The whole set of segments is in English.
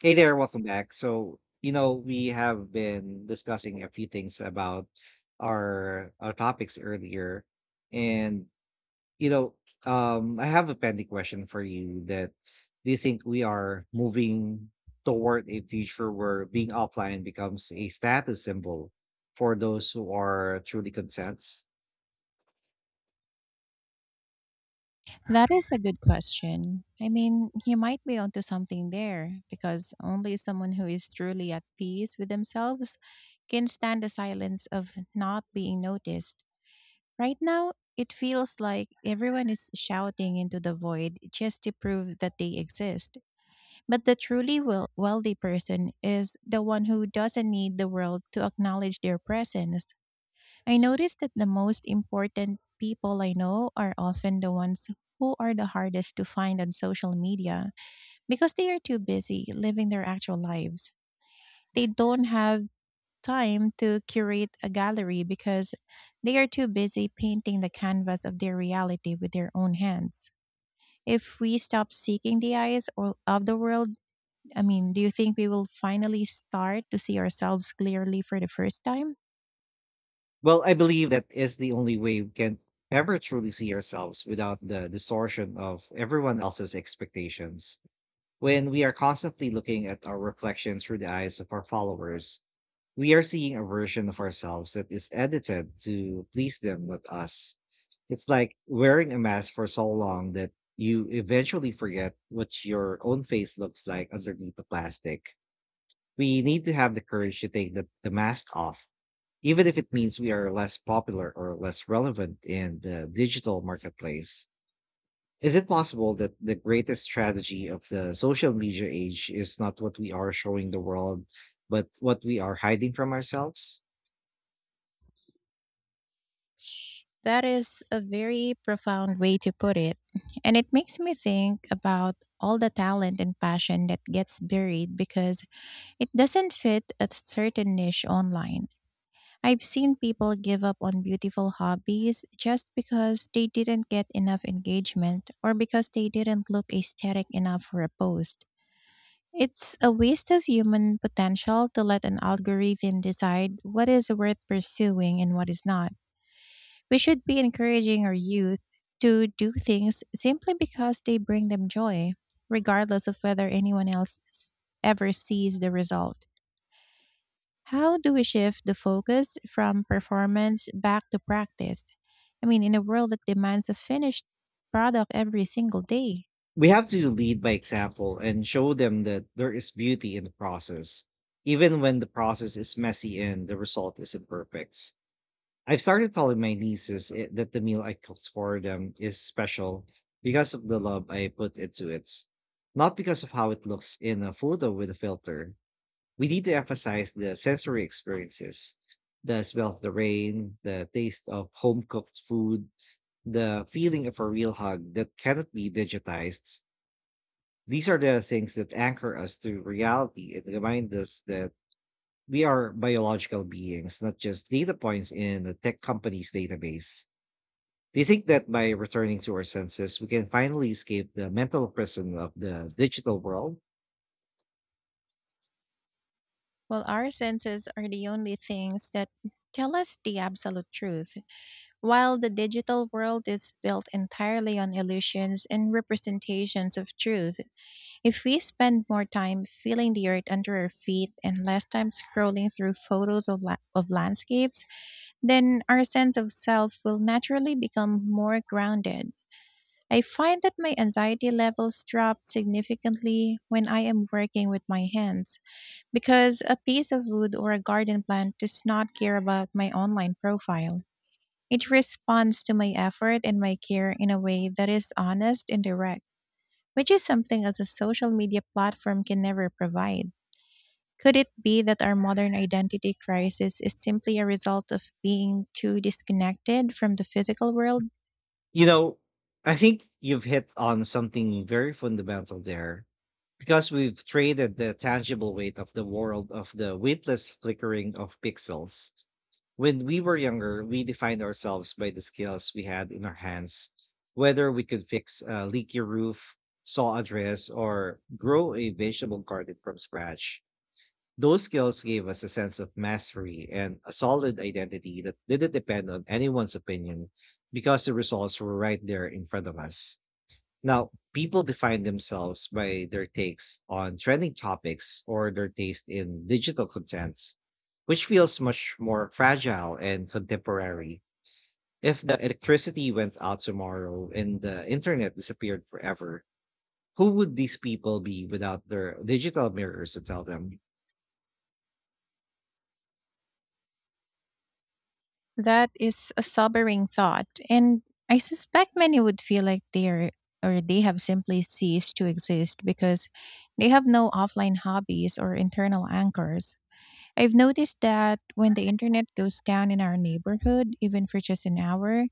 Hey there, welcome back. So, we have been discussing a few things about our topics earlier. And, you know, I have a pending question for you that do you think we are moving toward a future where being offline becomes a status symbol for those who are truly consents? That is a good question. I mean, he might be onto something there because only someone who is truly at peace with themselves can stand the silence of not being noticed. Right now, it feels like everyone is shouting into the void just to prove that they exist. But the truly wealthy person is the one who doesn't need the world to acknowledge their presence. I noticed that the most important people I know are often the ones who are the hardest to find on social media because they are too busy living their actual lives. They don't have time to curate a gallery because they are too busy painting the canvas of their reality with their own hands. If we stop seeking the eyes or of the world, I mean, do you think we will finally start to see ourselves clearly for the first time? Well, I believe that is the only way we can ever truly see ourselves without the distortion of everyone else's expectations. When we are constantly looking at our reflection through the eyes of our followers, we are seeing a version of ourselves that is edited to please them, not us. It's like wearing a mask for so long that you eventually forget what your own face looks like underneath the plastic. We need to have the courage to take the mask off, even if it means we are less popular or less relevant in the digital marketplace. Is it possible that the greatest strategy of the social media age is not what we are showing the world, but what we are hiding from ourselves? That is a very profound way to put it. And it makes me think about all the talent and passion that gets buried because it doesn't fit a certain niche online. I've seen people give up on beautiful hobbies just because they didn't get enough engagement or because they didn't look aesthetic enough for a post. It's a waste of human potential to let an algorithm decide what is worth pursuing and what is not. We should be encouraging our youth to do things simply because they bring them joy, regardless of whether anyone ever sees the result. How do we shift the focus from performance back to practice? I mean, in a world that demands a finished product every single day. We have to lead by example and show them that there is beauty in the process, even when the process is messy and the result isn't perfect. I've started telling my nieces that the meal I cooked for them is special because of the love I put into it, not because of how it looks in a photo with a filter. We need to emphasize the sensory experiences: the smell of the rain, the taste of home cooked food, the feeling of a real hug that cannot be digitized. These are the things that anchor us to reality and remind us that we are biological beings, not just data points in a tech company's database. Do you think that by returning to our senses, we can finally escape the mental prison of the digital world? Well, our senses are the only things that tell us the absolute truth. While the digital world is built entirely on illusions and representations of truth, if we spend more time feeling the earth under our feet and less time scrolling through photos of landscapes, then our sense of self will naturally become more grounded. I find that my anxiety levels drop significantly when I am working with my hands because a piece of wood or a garden plant does not care about my online profile. It responds to my effort and my care in a way that is honest and direct, which is something as a social media platform can never provide. Could it be that our modern identity crisis is simply a result of being too disconnected from the physical world? You know, I think you've hit on something very fundamental there, because we've traded the tangible weight of the world of the weightless flickering of pixels. When we were younger, we defined ourselves by the skills we had in our hands, whether we could fix a leaky roof, saw a dress, or grow a vegetable garden from scratch. Those skills gave us a sense of mastery and a solid identity that didn't depend on anyone's opinion, because the results were right there in front of us. Now, people define themselves by their takes on trending topics or their taste in digital contents, which feels much more fragile and contemporary. If the electricity went out tomorrow and the internet disappeared forever, who would these people be without their digital mirrors to tell them? That is a sobering thought, and I suspect many would feel like they are or they have simply ceased to exist because they have no offline hobbies or internal anchors. I've noticed that when the internet goes down in our neighborhood, even for just an hour,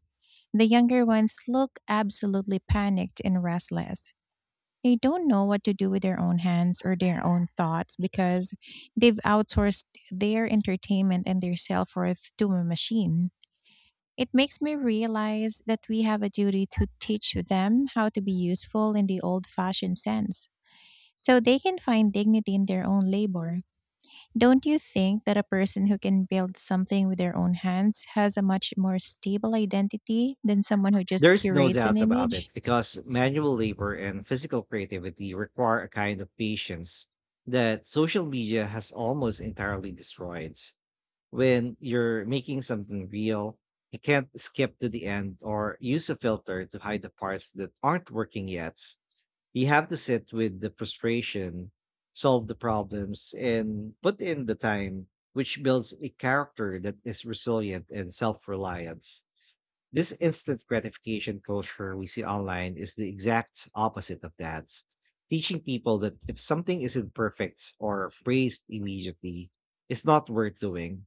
the younger ones look absolutely panicked and restless. They don't know what to do with their own hands or their own thoughts because they've outsourced their entertainment and their self worth to a machine. It makes me realize that we have a duty to teach them how to be useful in the old fashioned sense so they can find dignity in their own labor. Don't you think that a person who can build something with their own hands has a much more stable identity than someone who just There's no curates an doubt about image? it, because manual labor and physical creativity require a kind of patience that social media has almost entirely destroyed. When you're making something real, you can't skip to the end or use a filter to hide the parts that aren't working yet. You have to sit with the frustration, solve the problems, and put in the time, which builds a character that is resilient and self reliant. This instant gratification culture we see online is the exact opposite of that, teaching people that if something isn't perfect or praised immediately, it's not worth doing.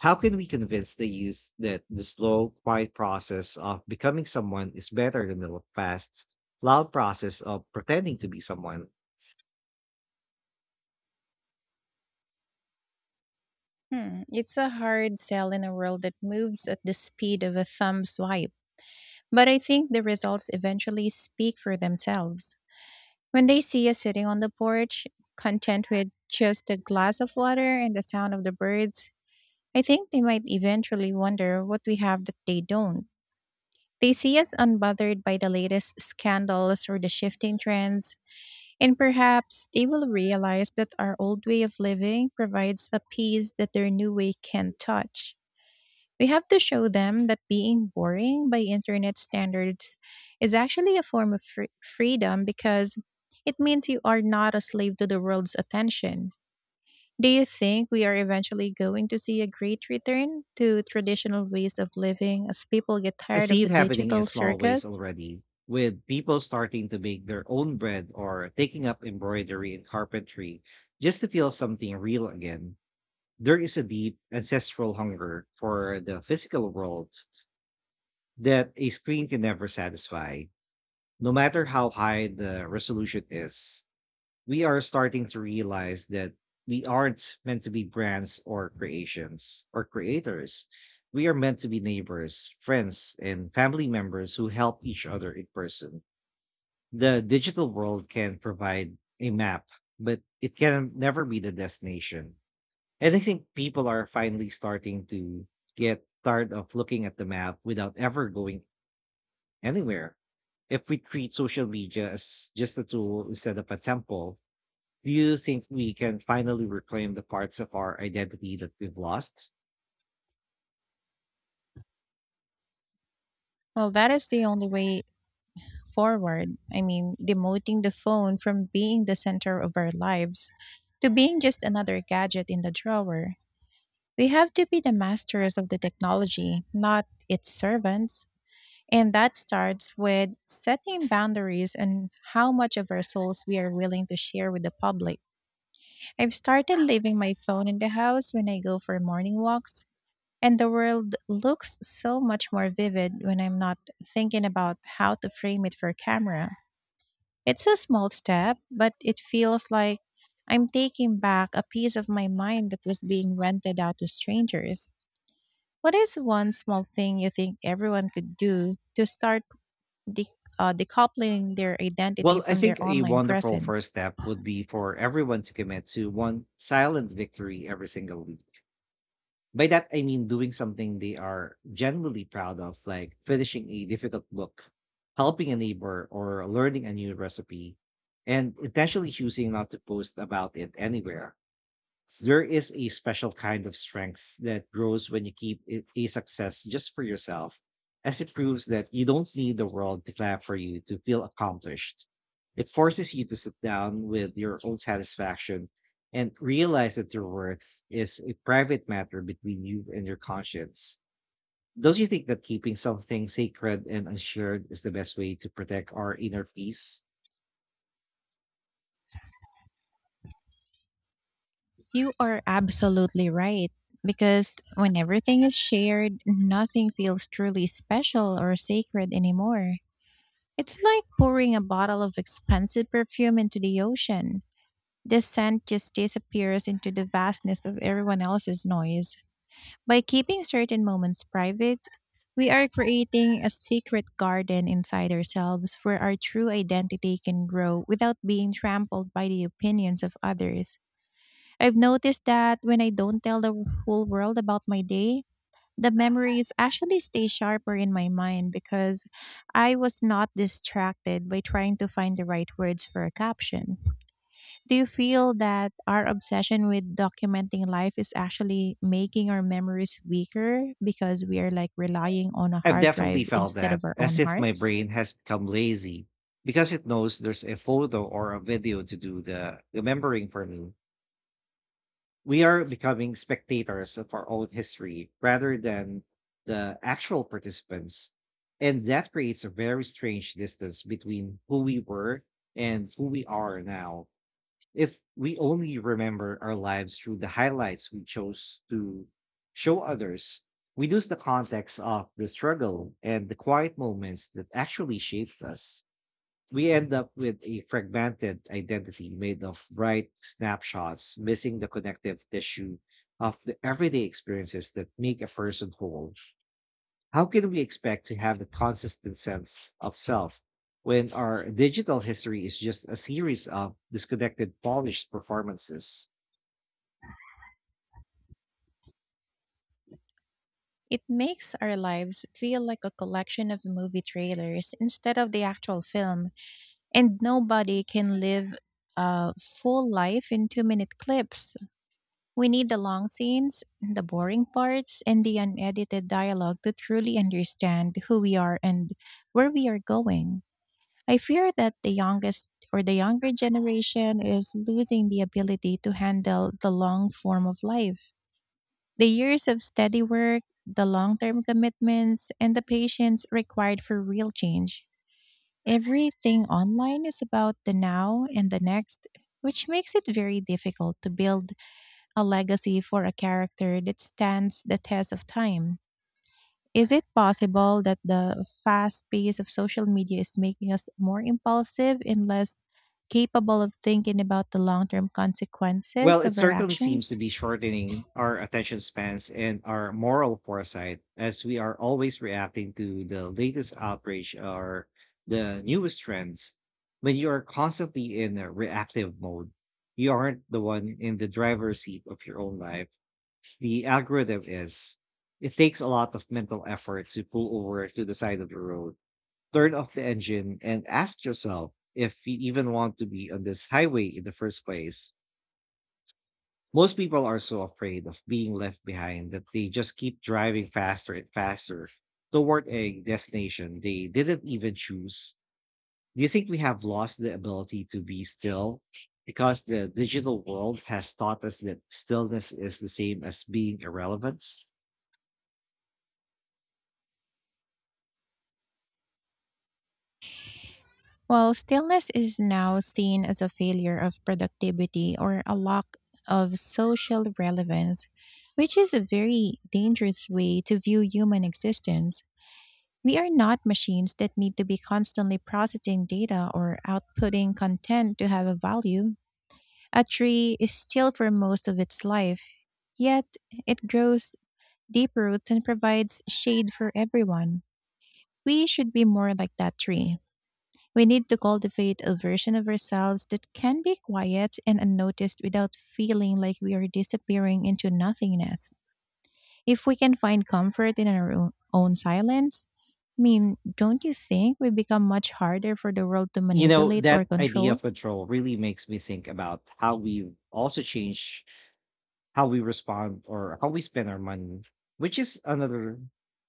How can we convince the youth that the slow, quiet process of becoming someone is better than the fast, loud process of pretending to be someone? Hmm, it's a hard sell in a world that moves at the speed of a thumb swipe, but I think the results eventually speak for themselves. When they see us sitting on the porch, content with just a glass of water and the sound of the birds, I think they might eventually wonder what we have that they don't. They see us unbothered by the latest scandals or the shifting trends, and perhaps they will realize that our old way of living provides a peace that their new way can't touch. We have to show them that being boring by internet standards is actually a form of freedom because it means you are not a slave to the world's attention. Do you think we are eventually going to see a great return to traditional ways of living as people get I tired of see the it happening in digital small ways circus? already, with people starting to make their own bread or taking up embroidery and carpentry just to feel something real again. There is a deep ancestral hunger for the physical world that a screen can never satisfy, no matter how high the resolution is. We are starting to realize that we aren't meant to be brands or creations or creators. We are meant to be neighbors, friends, and family members who help each other in person. The digital world can provide a map, but it can never be the destination. And I think people are finally starting to get tired of looking at the map without ever going anywhere. If we treat social media as just a tool instead of a temple, do you think we can finally reclaim the parts of our identity that we've lost? Well, that is the only way forward. I mean, demoting the phone from being the center of our lives to being just another gadget in the drawer. We have to be the masters of the technology, not its servants. And that starts with setting boundaries and how much of our souls we are willing to share with the public. I've started leaving my phone in the house when I go for morning walks, and the world looks so much more vivid when I'm not thinking about how to frame it for camera. It's a small step, but it feels like I'm taking back a piece of my mind that was being rented out to strangers. What is one small thing you think everyone could do to start de- decoupling their identity Well, I from their think a online wonderful presence? first step would be for everyone to commit to one silent victory every single week. By that, I mean doing something they are genuinely proud of, like finishing a difficult book, helping a neighbor, or learning a new recipe, and intentionally choosing not to post about it anywhere. There is a special kind of strength that grows when you keep it a success just for yourself, as it proves that you don't need the world to clap for you to feel accomplished. It forces you to sit down with your own satisfaction and realize that your worth is a private matter between you and your conscience. Don't you think that keeping something sacred and assured is the best way to protect our inner peace? You are absolutely right. Because when everything is shared, nothing feels truly special or sacred anymore. It's like pouring a bottle of expensive perfume into the ocean. The scent just disappears into the vastness of everyone else's noise. By keeping certain moments private, we are creating a secret garden inside ourselves where our true identity can grow without being trampled by the opinions of others. I've noticed that when I don't tell the whole world about my day, the memories actually stay sharper in my mind because I was not distracted by trying to find the right words for a caption. Do you feel that our obsession with documenting life is actually making our memories weaker because we are like relying on a I've hard drive definitely felt instead that, of our as own if my hearts? brain has become lazy because it knows there's a photo or a video to do the remembering for me. We are becoming spectators of our own history rather than the actual participants. And that creates a very strange distance between who we were and who we are now. If we only remember our lives through the highlights we chose to show others, we lose the context of the struggle and the quiet moments that actually shaped us. We end up with a fragmented identity made of bright snapshots, missing the connective tissue of the everyday experiences that make a person whole. How can we expect to have a consistent sense of self when our digital history is just a series of disconnected polished performances? It makes our lives feel like a collection of movie trailers instead of the actual film, and nobody can live a full life in 2-minute clips. We need the long scenes, the boring parts, and the unedited dialogue to truly understand who we are and where we are going. I fear that the youngest or the younger generation is losing the ability to handle the long form of life. The years of steady work, the long term commitments, and the patience required for real change. Everything online is about the now and the next, which makes it very difficult to build a legacy for a character that stands the test of time. Is it possible that the fast pace of social media is making us more impulsive and less capable of thinking about the long term Well, consequences it of our certainly seems actions? to be shortening our attention spans and our moral foresight, as we are always reacting to the latest outrage or the newest trends. When you are constantly in a reactive mode, you aren't the one in the driver's seat of your own life. The algorithm is. It takes a lot of mental effort to pull over to the side of the road, turn off the engine, and ask yourself if you even want to be on this highway in the first place. Most people are so afraid of being left behind that they just keep driving faster and faster toward a destination they didn't even choose. Do you think we have lost the ability to be still, because the digital world has taught us that stillness is the same as being irrelevant? While stillness is now seen as a failure of productivity or a lack of social relevance, which is a very dangerous way to view human existence. We are not machines that need to be constantly processing data or outputting content to have a value. A tree is still for most of its life, yet it grows deep roots and provides shade for everyone. We should be more like that tree. We need to cultivate a version of ourselves that can be quiet and unnoticed without feeling like we are disappearing into nothingness. If we can find comfort in our own silence, I mean, don't you think we become much harder for the world to You know, manipulate or that idea control? of control really makes me think about how we also change how we respond or how we spend our money, which is another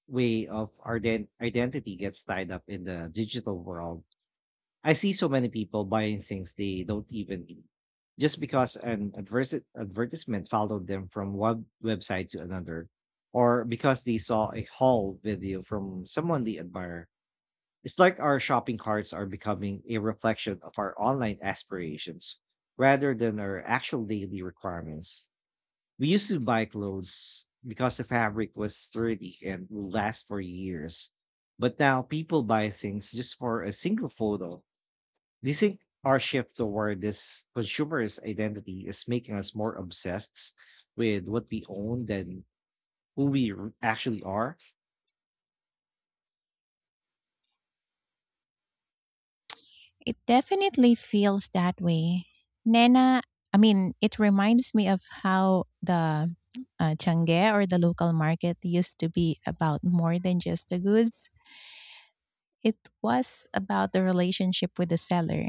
way of our identity gets tied up in the digital world. I see so many people buying things they don't even need just because an advertisement followed them from one website to another, or because they saw a haul video from someone they admire. It's like our shopping carts are becoming a reflection of our online aspirations rather than our actual daily requirements. We used to buy clothes because the fabric was sturdy and will last for years. But now people buy things just for a single photo. Do you think our shift toward this consumerist identity is making us more obsessed with what we own than who we actually are? It definitely feels that way. Nena, I mean, it reminds me of how the Changge or the local market used to be about more than just the goods. It was about the relationship with the seller.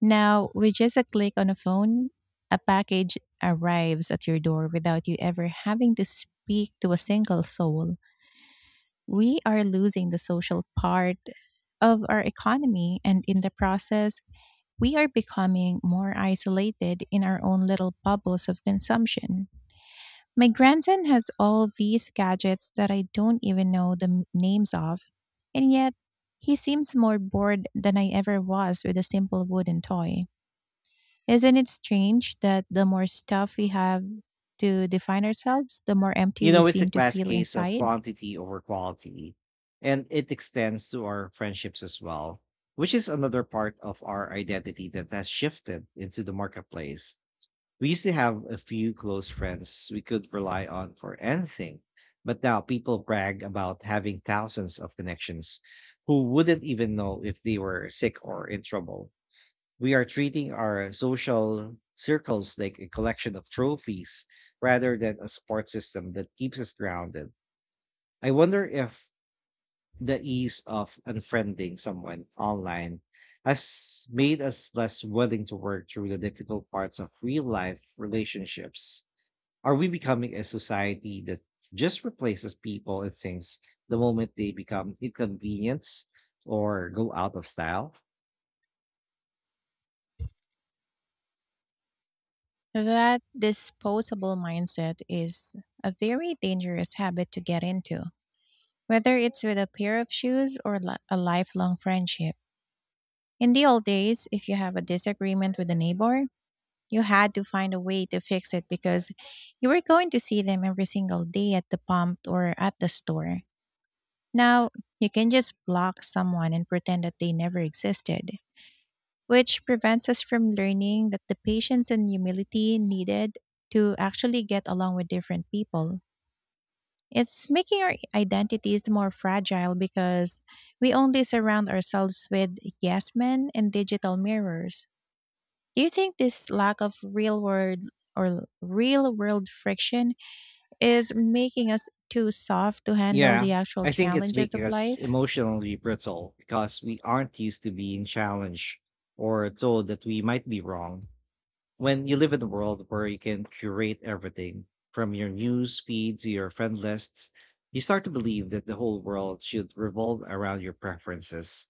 Now, with just a click on a phone, a package arrives at your door without you ever having to speak to a single soul. We are losing the social part of our economy, and in the process, we are becoming more isolated in our own little bubbles of consumption. My grandson has all these gadgets that I don't even know the names of, and yet he seems more bored than I ever was with a simple wooden toy. Isn't it strange that the more stuff we have to define ourselves, the more empty You we know, it's a seem to classic feel case of inside? quantity over quality, and it extends to our friendships as well, which is another part of our identity that has shifted into the marketplace. We used to have a few close friends we could rely on for anything, but now people brag about having thousands of connections who wouldn't even know if they were sick or in trouble. We are treating our social circles like a collection of trophies rather than a support system that keeps us grounded. I wonder if the ease of unfriending someone online has made us less willing to work through the difficult parts of real life relationships. Are we becoming a society that just replaces people and things the moment they become inconvenience or go out of style? That disposable mindset is a very dangerous habit to get into, whether it's with a pair of shoes or a lifelong friendship. In the old days, if you have a disagreement with a neighbor, you had to find a way to fix it because you were going to see them every single day at the pump or at the store. Now, you can just block someone and pretend that they never existed, which prevents us from learning that the patience and humility needed to actually get along with different people. It's making our identities more fragile because we only surround ourselves with yes men and digital mirrors. Do you think this lack of real world friction is making us too soft to handle Yeah, the actual I think it's challenges making of us life? emotionally brittle because we aren't used to being challenged or told that we might be wrong. When you live in a world where you can curate everything from your news feed to your friend lists, you start to believe that the whole world should revolve around your preferences.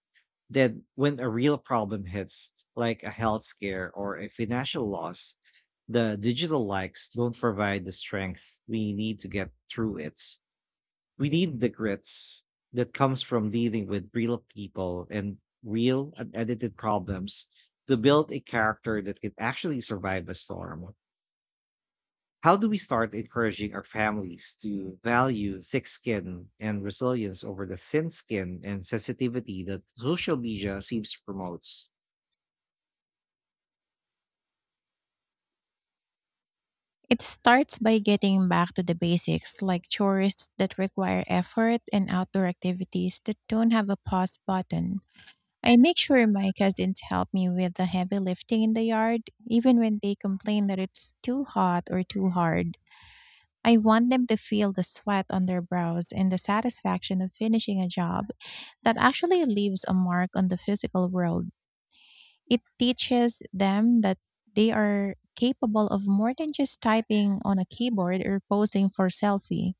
Then, when a real problem hits, like a health scare or a financial loss, the digital likes don't provide the strength we need to get through it. We need the grits that comes from dealing with real people and real unedited problems to build a character that can actually survive a storm. How do we start encouraging our families to value thick skin and resilience over the thin skin and sensitivity that social media seems to promote? It starts by getting back to the basics, like chores that require effort and outdoor activities that don't have a pause button. I make sure my cousins help me with the heavy lifting in the yard, even when they complain that it's too hot or too hard. I want them to feel the sweat on their brows and the satisfaction of finishing a job that actually leaves a mark on the physical world. It teaches them that they are capable of more than just typing on a keyboard or posing for selfie.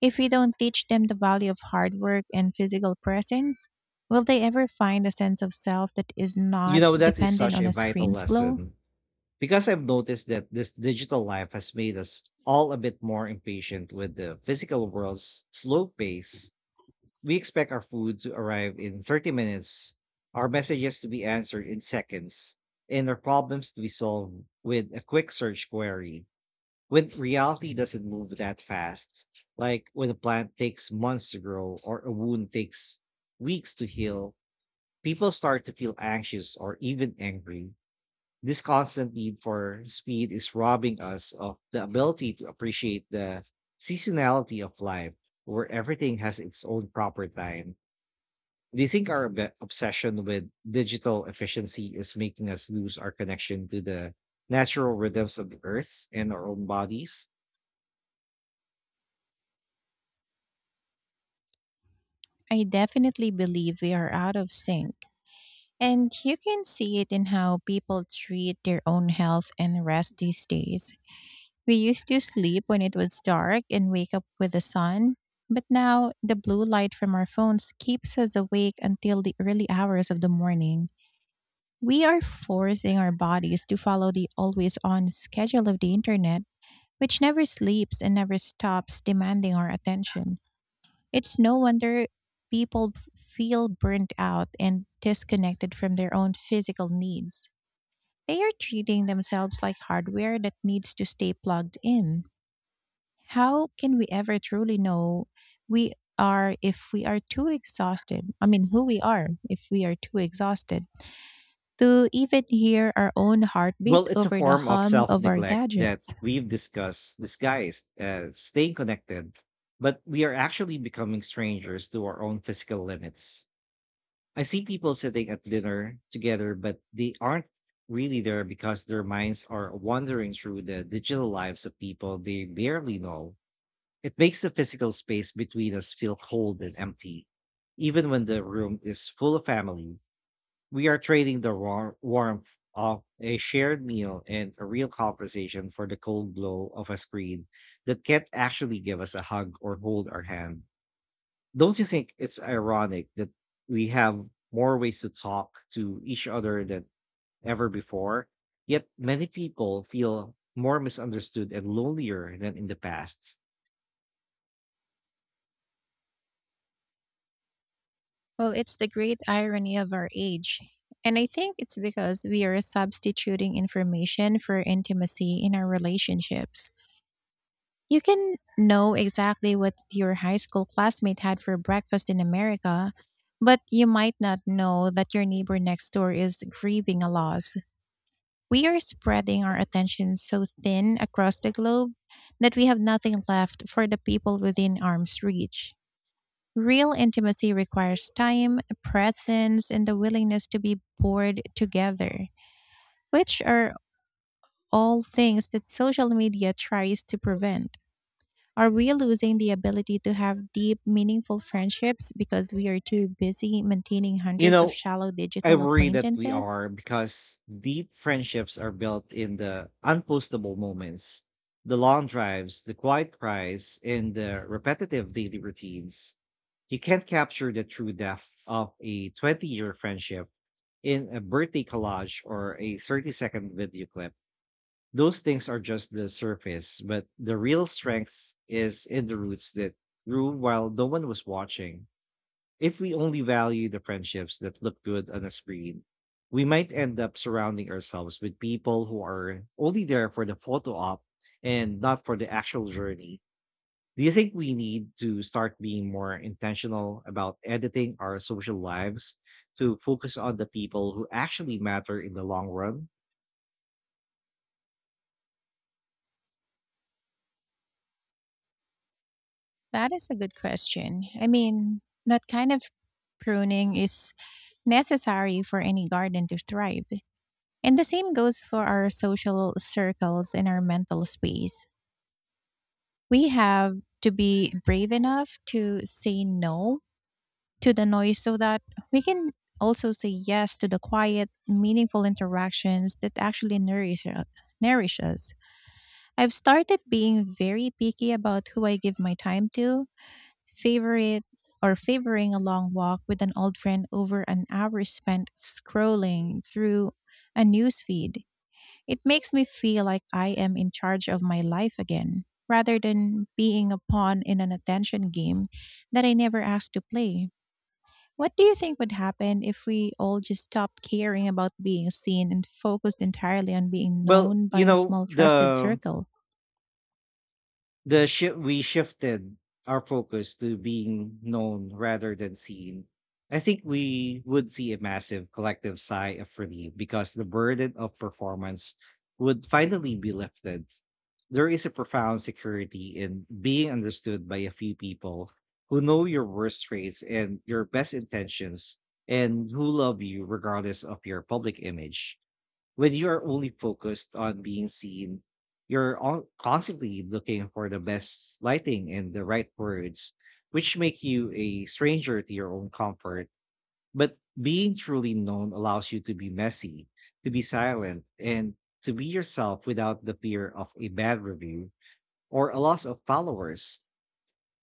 If we don't teach them the value of hard work and physical presence, will they ever find a sense of self that is You not know, that is dependent such on a a vital screen's glow? lesson, because I've noticed that this digital life has made us all a bit more impatient with the physical world's slow pace. We expect our food to arrive in 30 minutes, our messages to be answered in seconds, and our problems to be solved with a quick search query. When reality doesn't move that fast, like when a plant takes months to grow or a wound takes weeks to heal, people start to feel anxious or even angry. This constant need for speed is robbing us of the ability to appreciate the seasonality of life, where everything has its own proper time. Do you think our obsession with digital efficiency is making us lose our connection to the natural rhythms of the earth and our own bodies? I definitely believe we are out of sync. And you can see it in how people treat their own health and rest these days. We used to sleep when it was dark and wake up with the sun, but now the blue light from our phones keeps us awake until the early hours of the morning. We are forcing our bodies to follow the always on schedule of the internet, which never sleeps and never stops demanding our attention. It's no wonder people feel burnt out and disconnected from their own physical needs. They are treating themselves like hardware that needs to stay plugged in. How can we ever truly know we are if we are too exhausted? I mean, who we are if we are too exhausted? To even hear our own Well, heartbeat it's a over the form of hum self of our neglect that gadgets. we've discussed, disguised as staying connected, but we are actually becoming strangers to our own physical limits. I see people sitting at dinner together, but they aren't really there, because their minds are wandering through the digital lives of people they barely know. It makes the physical space between us feel cold and empty. Even when the room is full of family, we are trading the warmth of a shared meal and a real conversation for the cold glow of a screen that can't actually give us a hug or hold our hand. Don't you think it's ironic that we have more ways to talk to each other than ever before? Yet many people feel more misunderstood and lonelier than in the past. Well, it's the great irony of our age. And I think it's because we are substituting information for intimacy in our relationships. You can know exactly what your high school classmate had for breakfast in America, but you might not know that your neighbor next door is grieving a loss. We are spreading our attention so thin across the globe that we have nothing left for the people within arm's reach. Real intimacy requires time, presence, and the willingness to be bored together, which are all things that social media tries to prevent. Are we losing the ability to have deep, meaningful friendships because we are too busy maintaining You hundreds of know, shallow I digital worry that we acquaintances? are, because deep friendships are built in the unpostable moments, the long drives, the quiet cries, and the repetitive daily routines. You can't capture the true depth of a 20-year friendship in a birthday collage or a 30-second video clip. Those things are just the surface, but the real strength is in the roots that grew while no one was watching. If we only value the friendships that look good on a screen, we might end up surrounding ourselves with people who are only there for the photo op and not for the actual journey. Do you think we need to start being more intentional about editing our social lives to focus on the people who actually matter in the long run? That is a good question. I mean, that kind of pruning is necessary for any garden to thrive. And the same goes for our social circles and our mental space. We have to be brave enough to say no to the noise so that we can also say yes to the quiet, meaningful interactions that actually nourish us. I've started being very picky about who I give my time to favorite or favoring a long walk with an old friend over an hour spent scrolling through a newsfeed. It makes me feel like I am in charge of my life again, rather than being a pawn in an attention game that I never asked to play. What do you think would happen if we all just stopped caring about being seen and focused entirely on being Well, known by you a know, small trusted the circle? The shift, we shifted our focus to being known rather than seen. I think we would see a massive collective sigh of relief, because the burden of performance would finally be lifted. There is a profound security in being understood by a few people who know your worst traits and your best intentions, and who love you regardless of your public image. When you're only focused on being seen, you're all constantly looking for the best lighting and the right words, which make you a stranger to your own comfort. But being truly known allows you to be messy, to be silent, and to be yourself without the fear of a bad review or a loss of followers.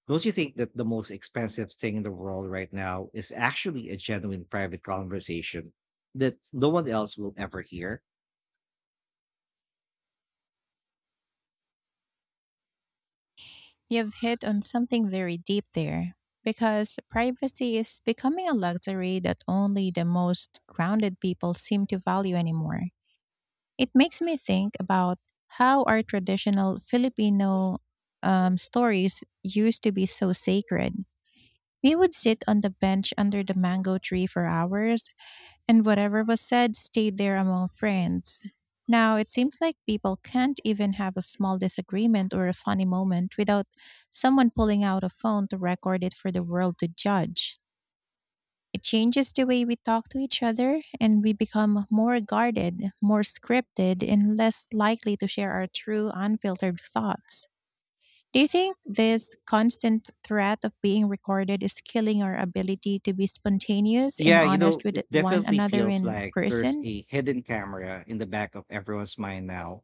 Don't you think that the most expensive thing in the world right now is actually a genuine private conversation that no one else will ever hear? You've hit on something very deep there because privacy is becoming a luxury that only the most grounded people seem to value anymore. It makes me think about how our traditional Filipino stories used to be so sacred. We would sit on the bench under the mango tree for hours, and whatever was said stayed there among friends. Now it seems like people can't even have a small disagreement or a funny moment without someone pulling out a phone to record it for the world to judge. It changes the way we talk to each other, and we become more guarded, more scripted, and less likely to share our true, unfiltered thoughts. Do you think this constant threat of being recorded is killing our ability to be spontaneous and Yeah, you honest know, with it one definitely another feels in like there's person? a hidden camera in the back of everyone's mind now,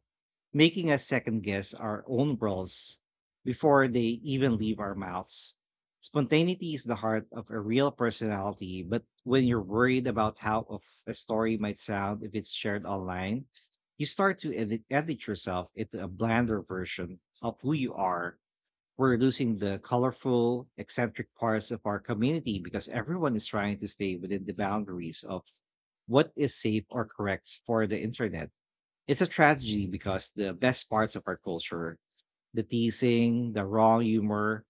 making us second guess our own roles before they even leave our mouths. Spontaneity is the heart of a real personality, but when you're worried about how of a story might sound if it's shared online, you start to edit yourself into a blander version of who you are. We're losing the colorful, eccentric parts of our community, because everyone is trying to stay within the boundaries of what is safe or correct for the internet. It's a tragedy, because the best parts of our culture, the teasing, the raw humor,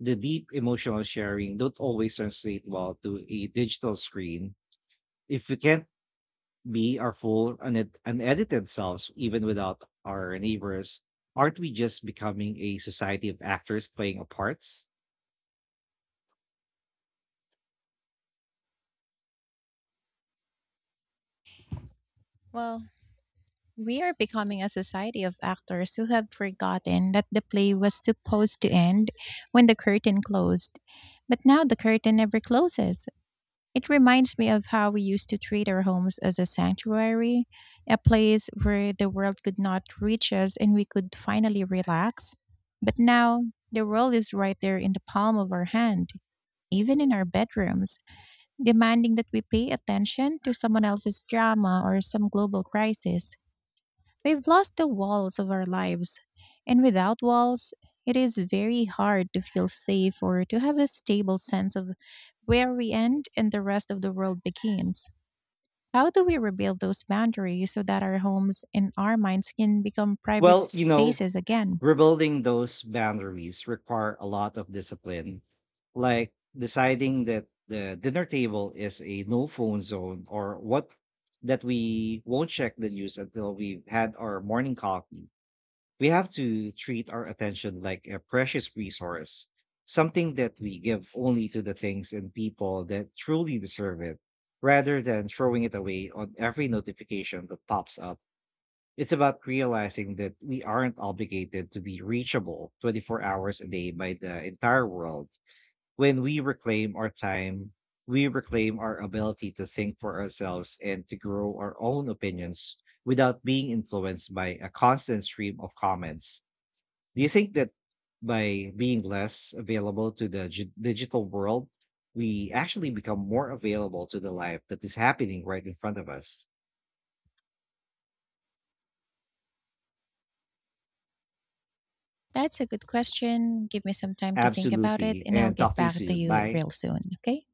the deep emotional sharing, don't always translate well to a digital screen. If we can't be our full unedited selves, even without our neighbors, aren't we just becoming a society of actors playing a parts? Well, we are becoming a society of actors who have forgotten that the play was supposed to end when the curtain closed. But now the curtain never closes. It reminds me of how we used to treat our homes as a sanctuary, a place where the world could not reach us and we could finally relax. But now the world is right there in the palm of our hand, even in our bedrooms, demanding that we pay attention to someone else's drama or some global crisis. We've lost the walls of our lives, and without walls, it is very hard to feel safe or to have a stable sense of where we end and the rest of the world begins. How do we rebuild those boundaries so that our homes and our minds can become private Well, you know, spaces again? rebuilding those boundaries require a lot of discipline, like deciding that the dinner table is a no phone zone, or what that we won't check the news until we've had our morning coffee. We have to treat our attention like a precious resource, something that we give only to the things and people that truly deserve it, rather than throwing it away on every notification that pops up. It's about realizing that we aren't obligated to be reachable 24 hours a day by the entire world. When we reclaim our time, we reclaim our ability to think for ourselves and to grow our own opinions without being influenced by a constant stream of comments. Do you think that by being less available to the digital world, we actually become more available to the life that is happening right in front of us? That's a good question. Give me some time to think about it, Absolutely. and I'll And get talk to you back to soon. you Bye. real soon, okay?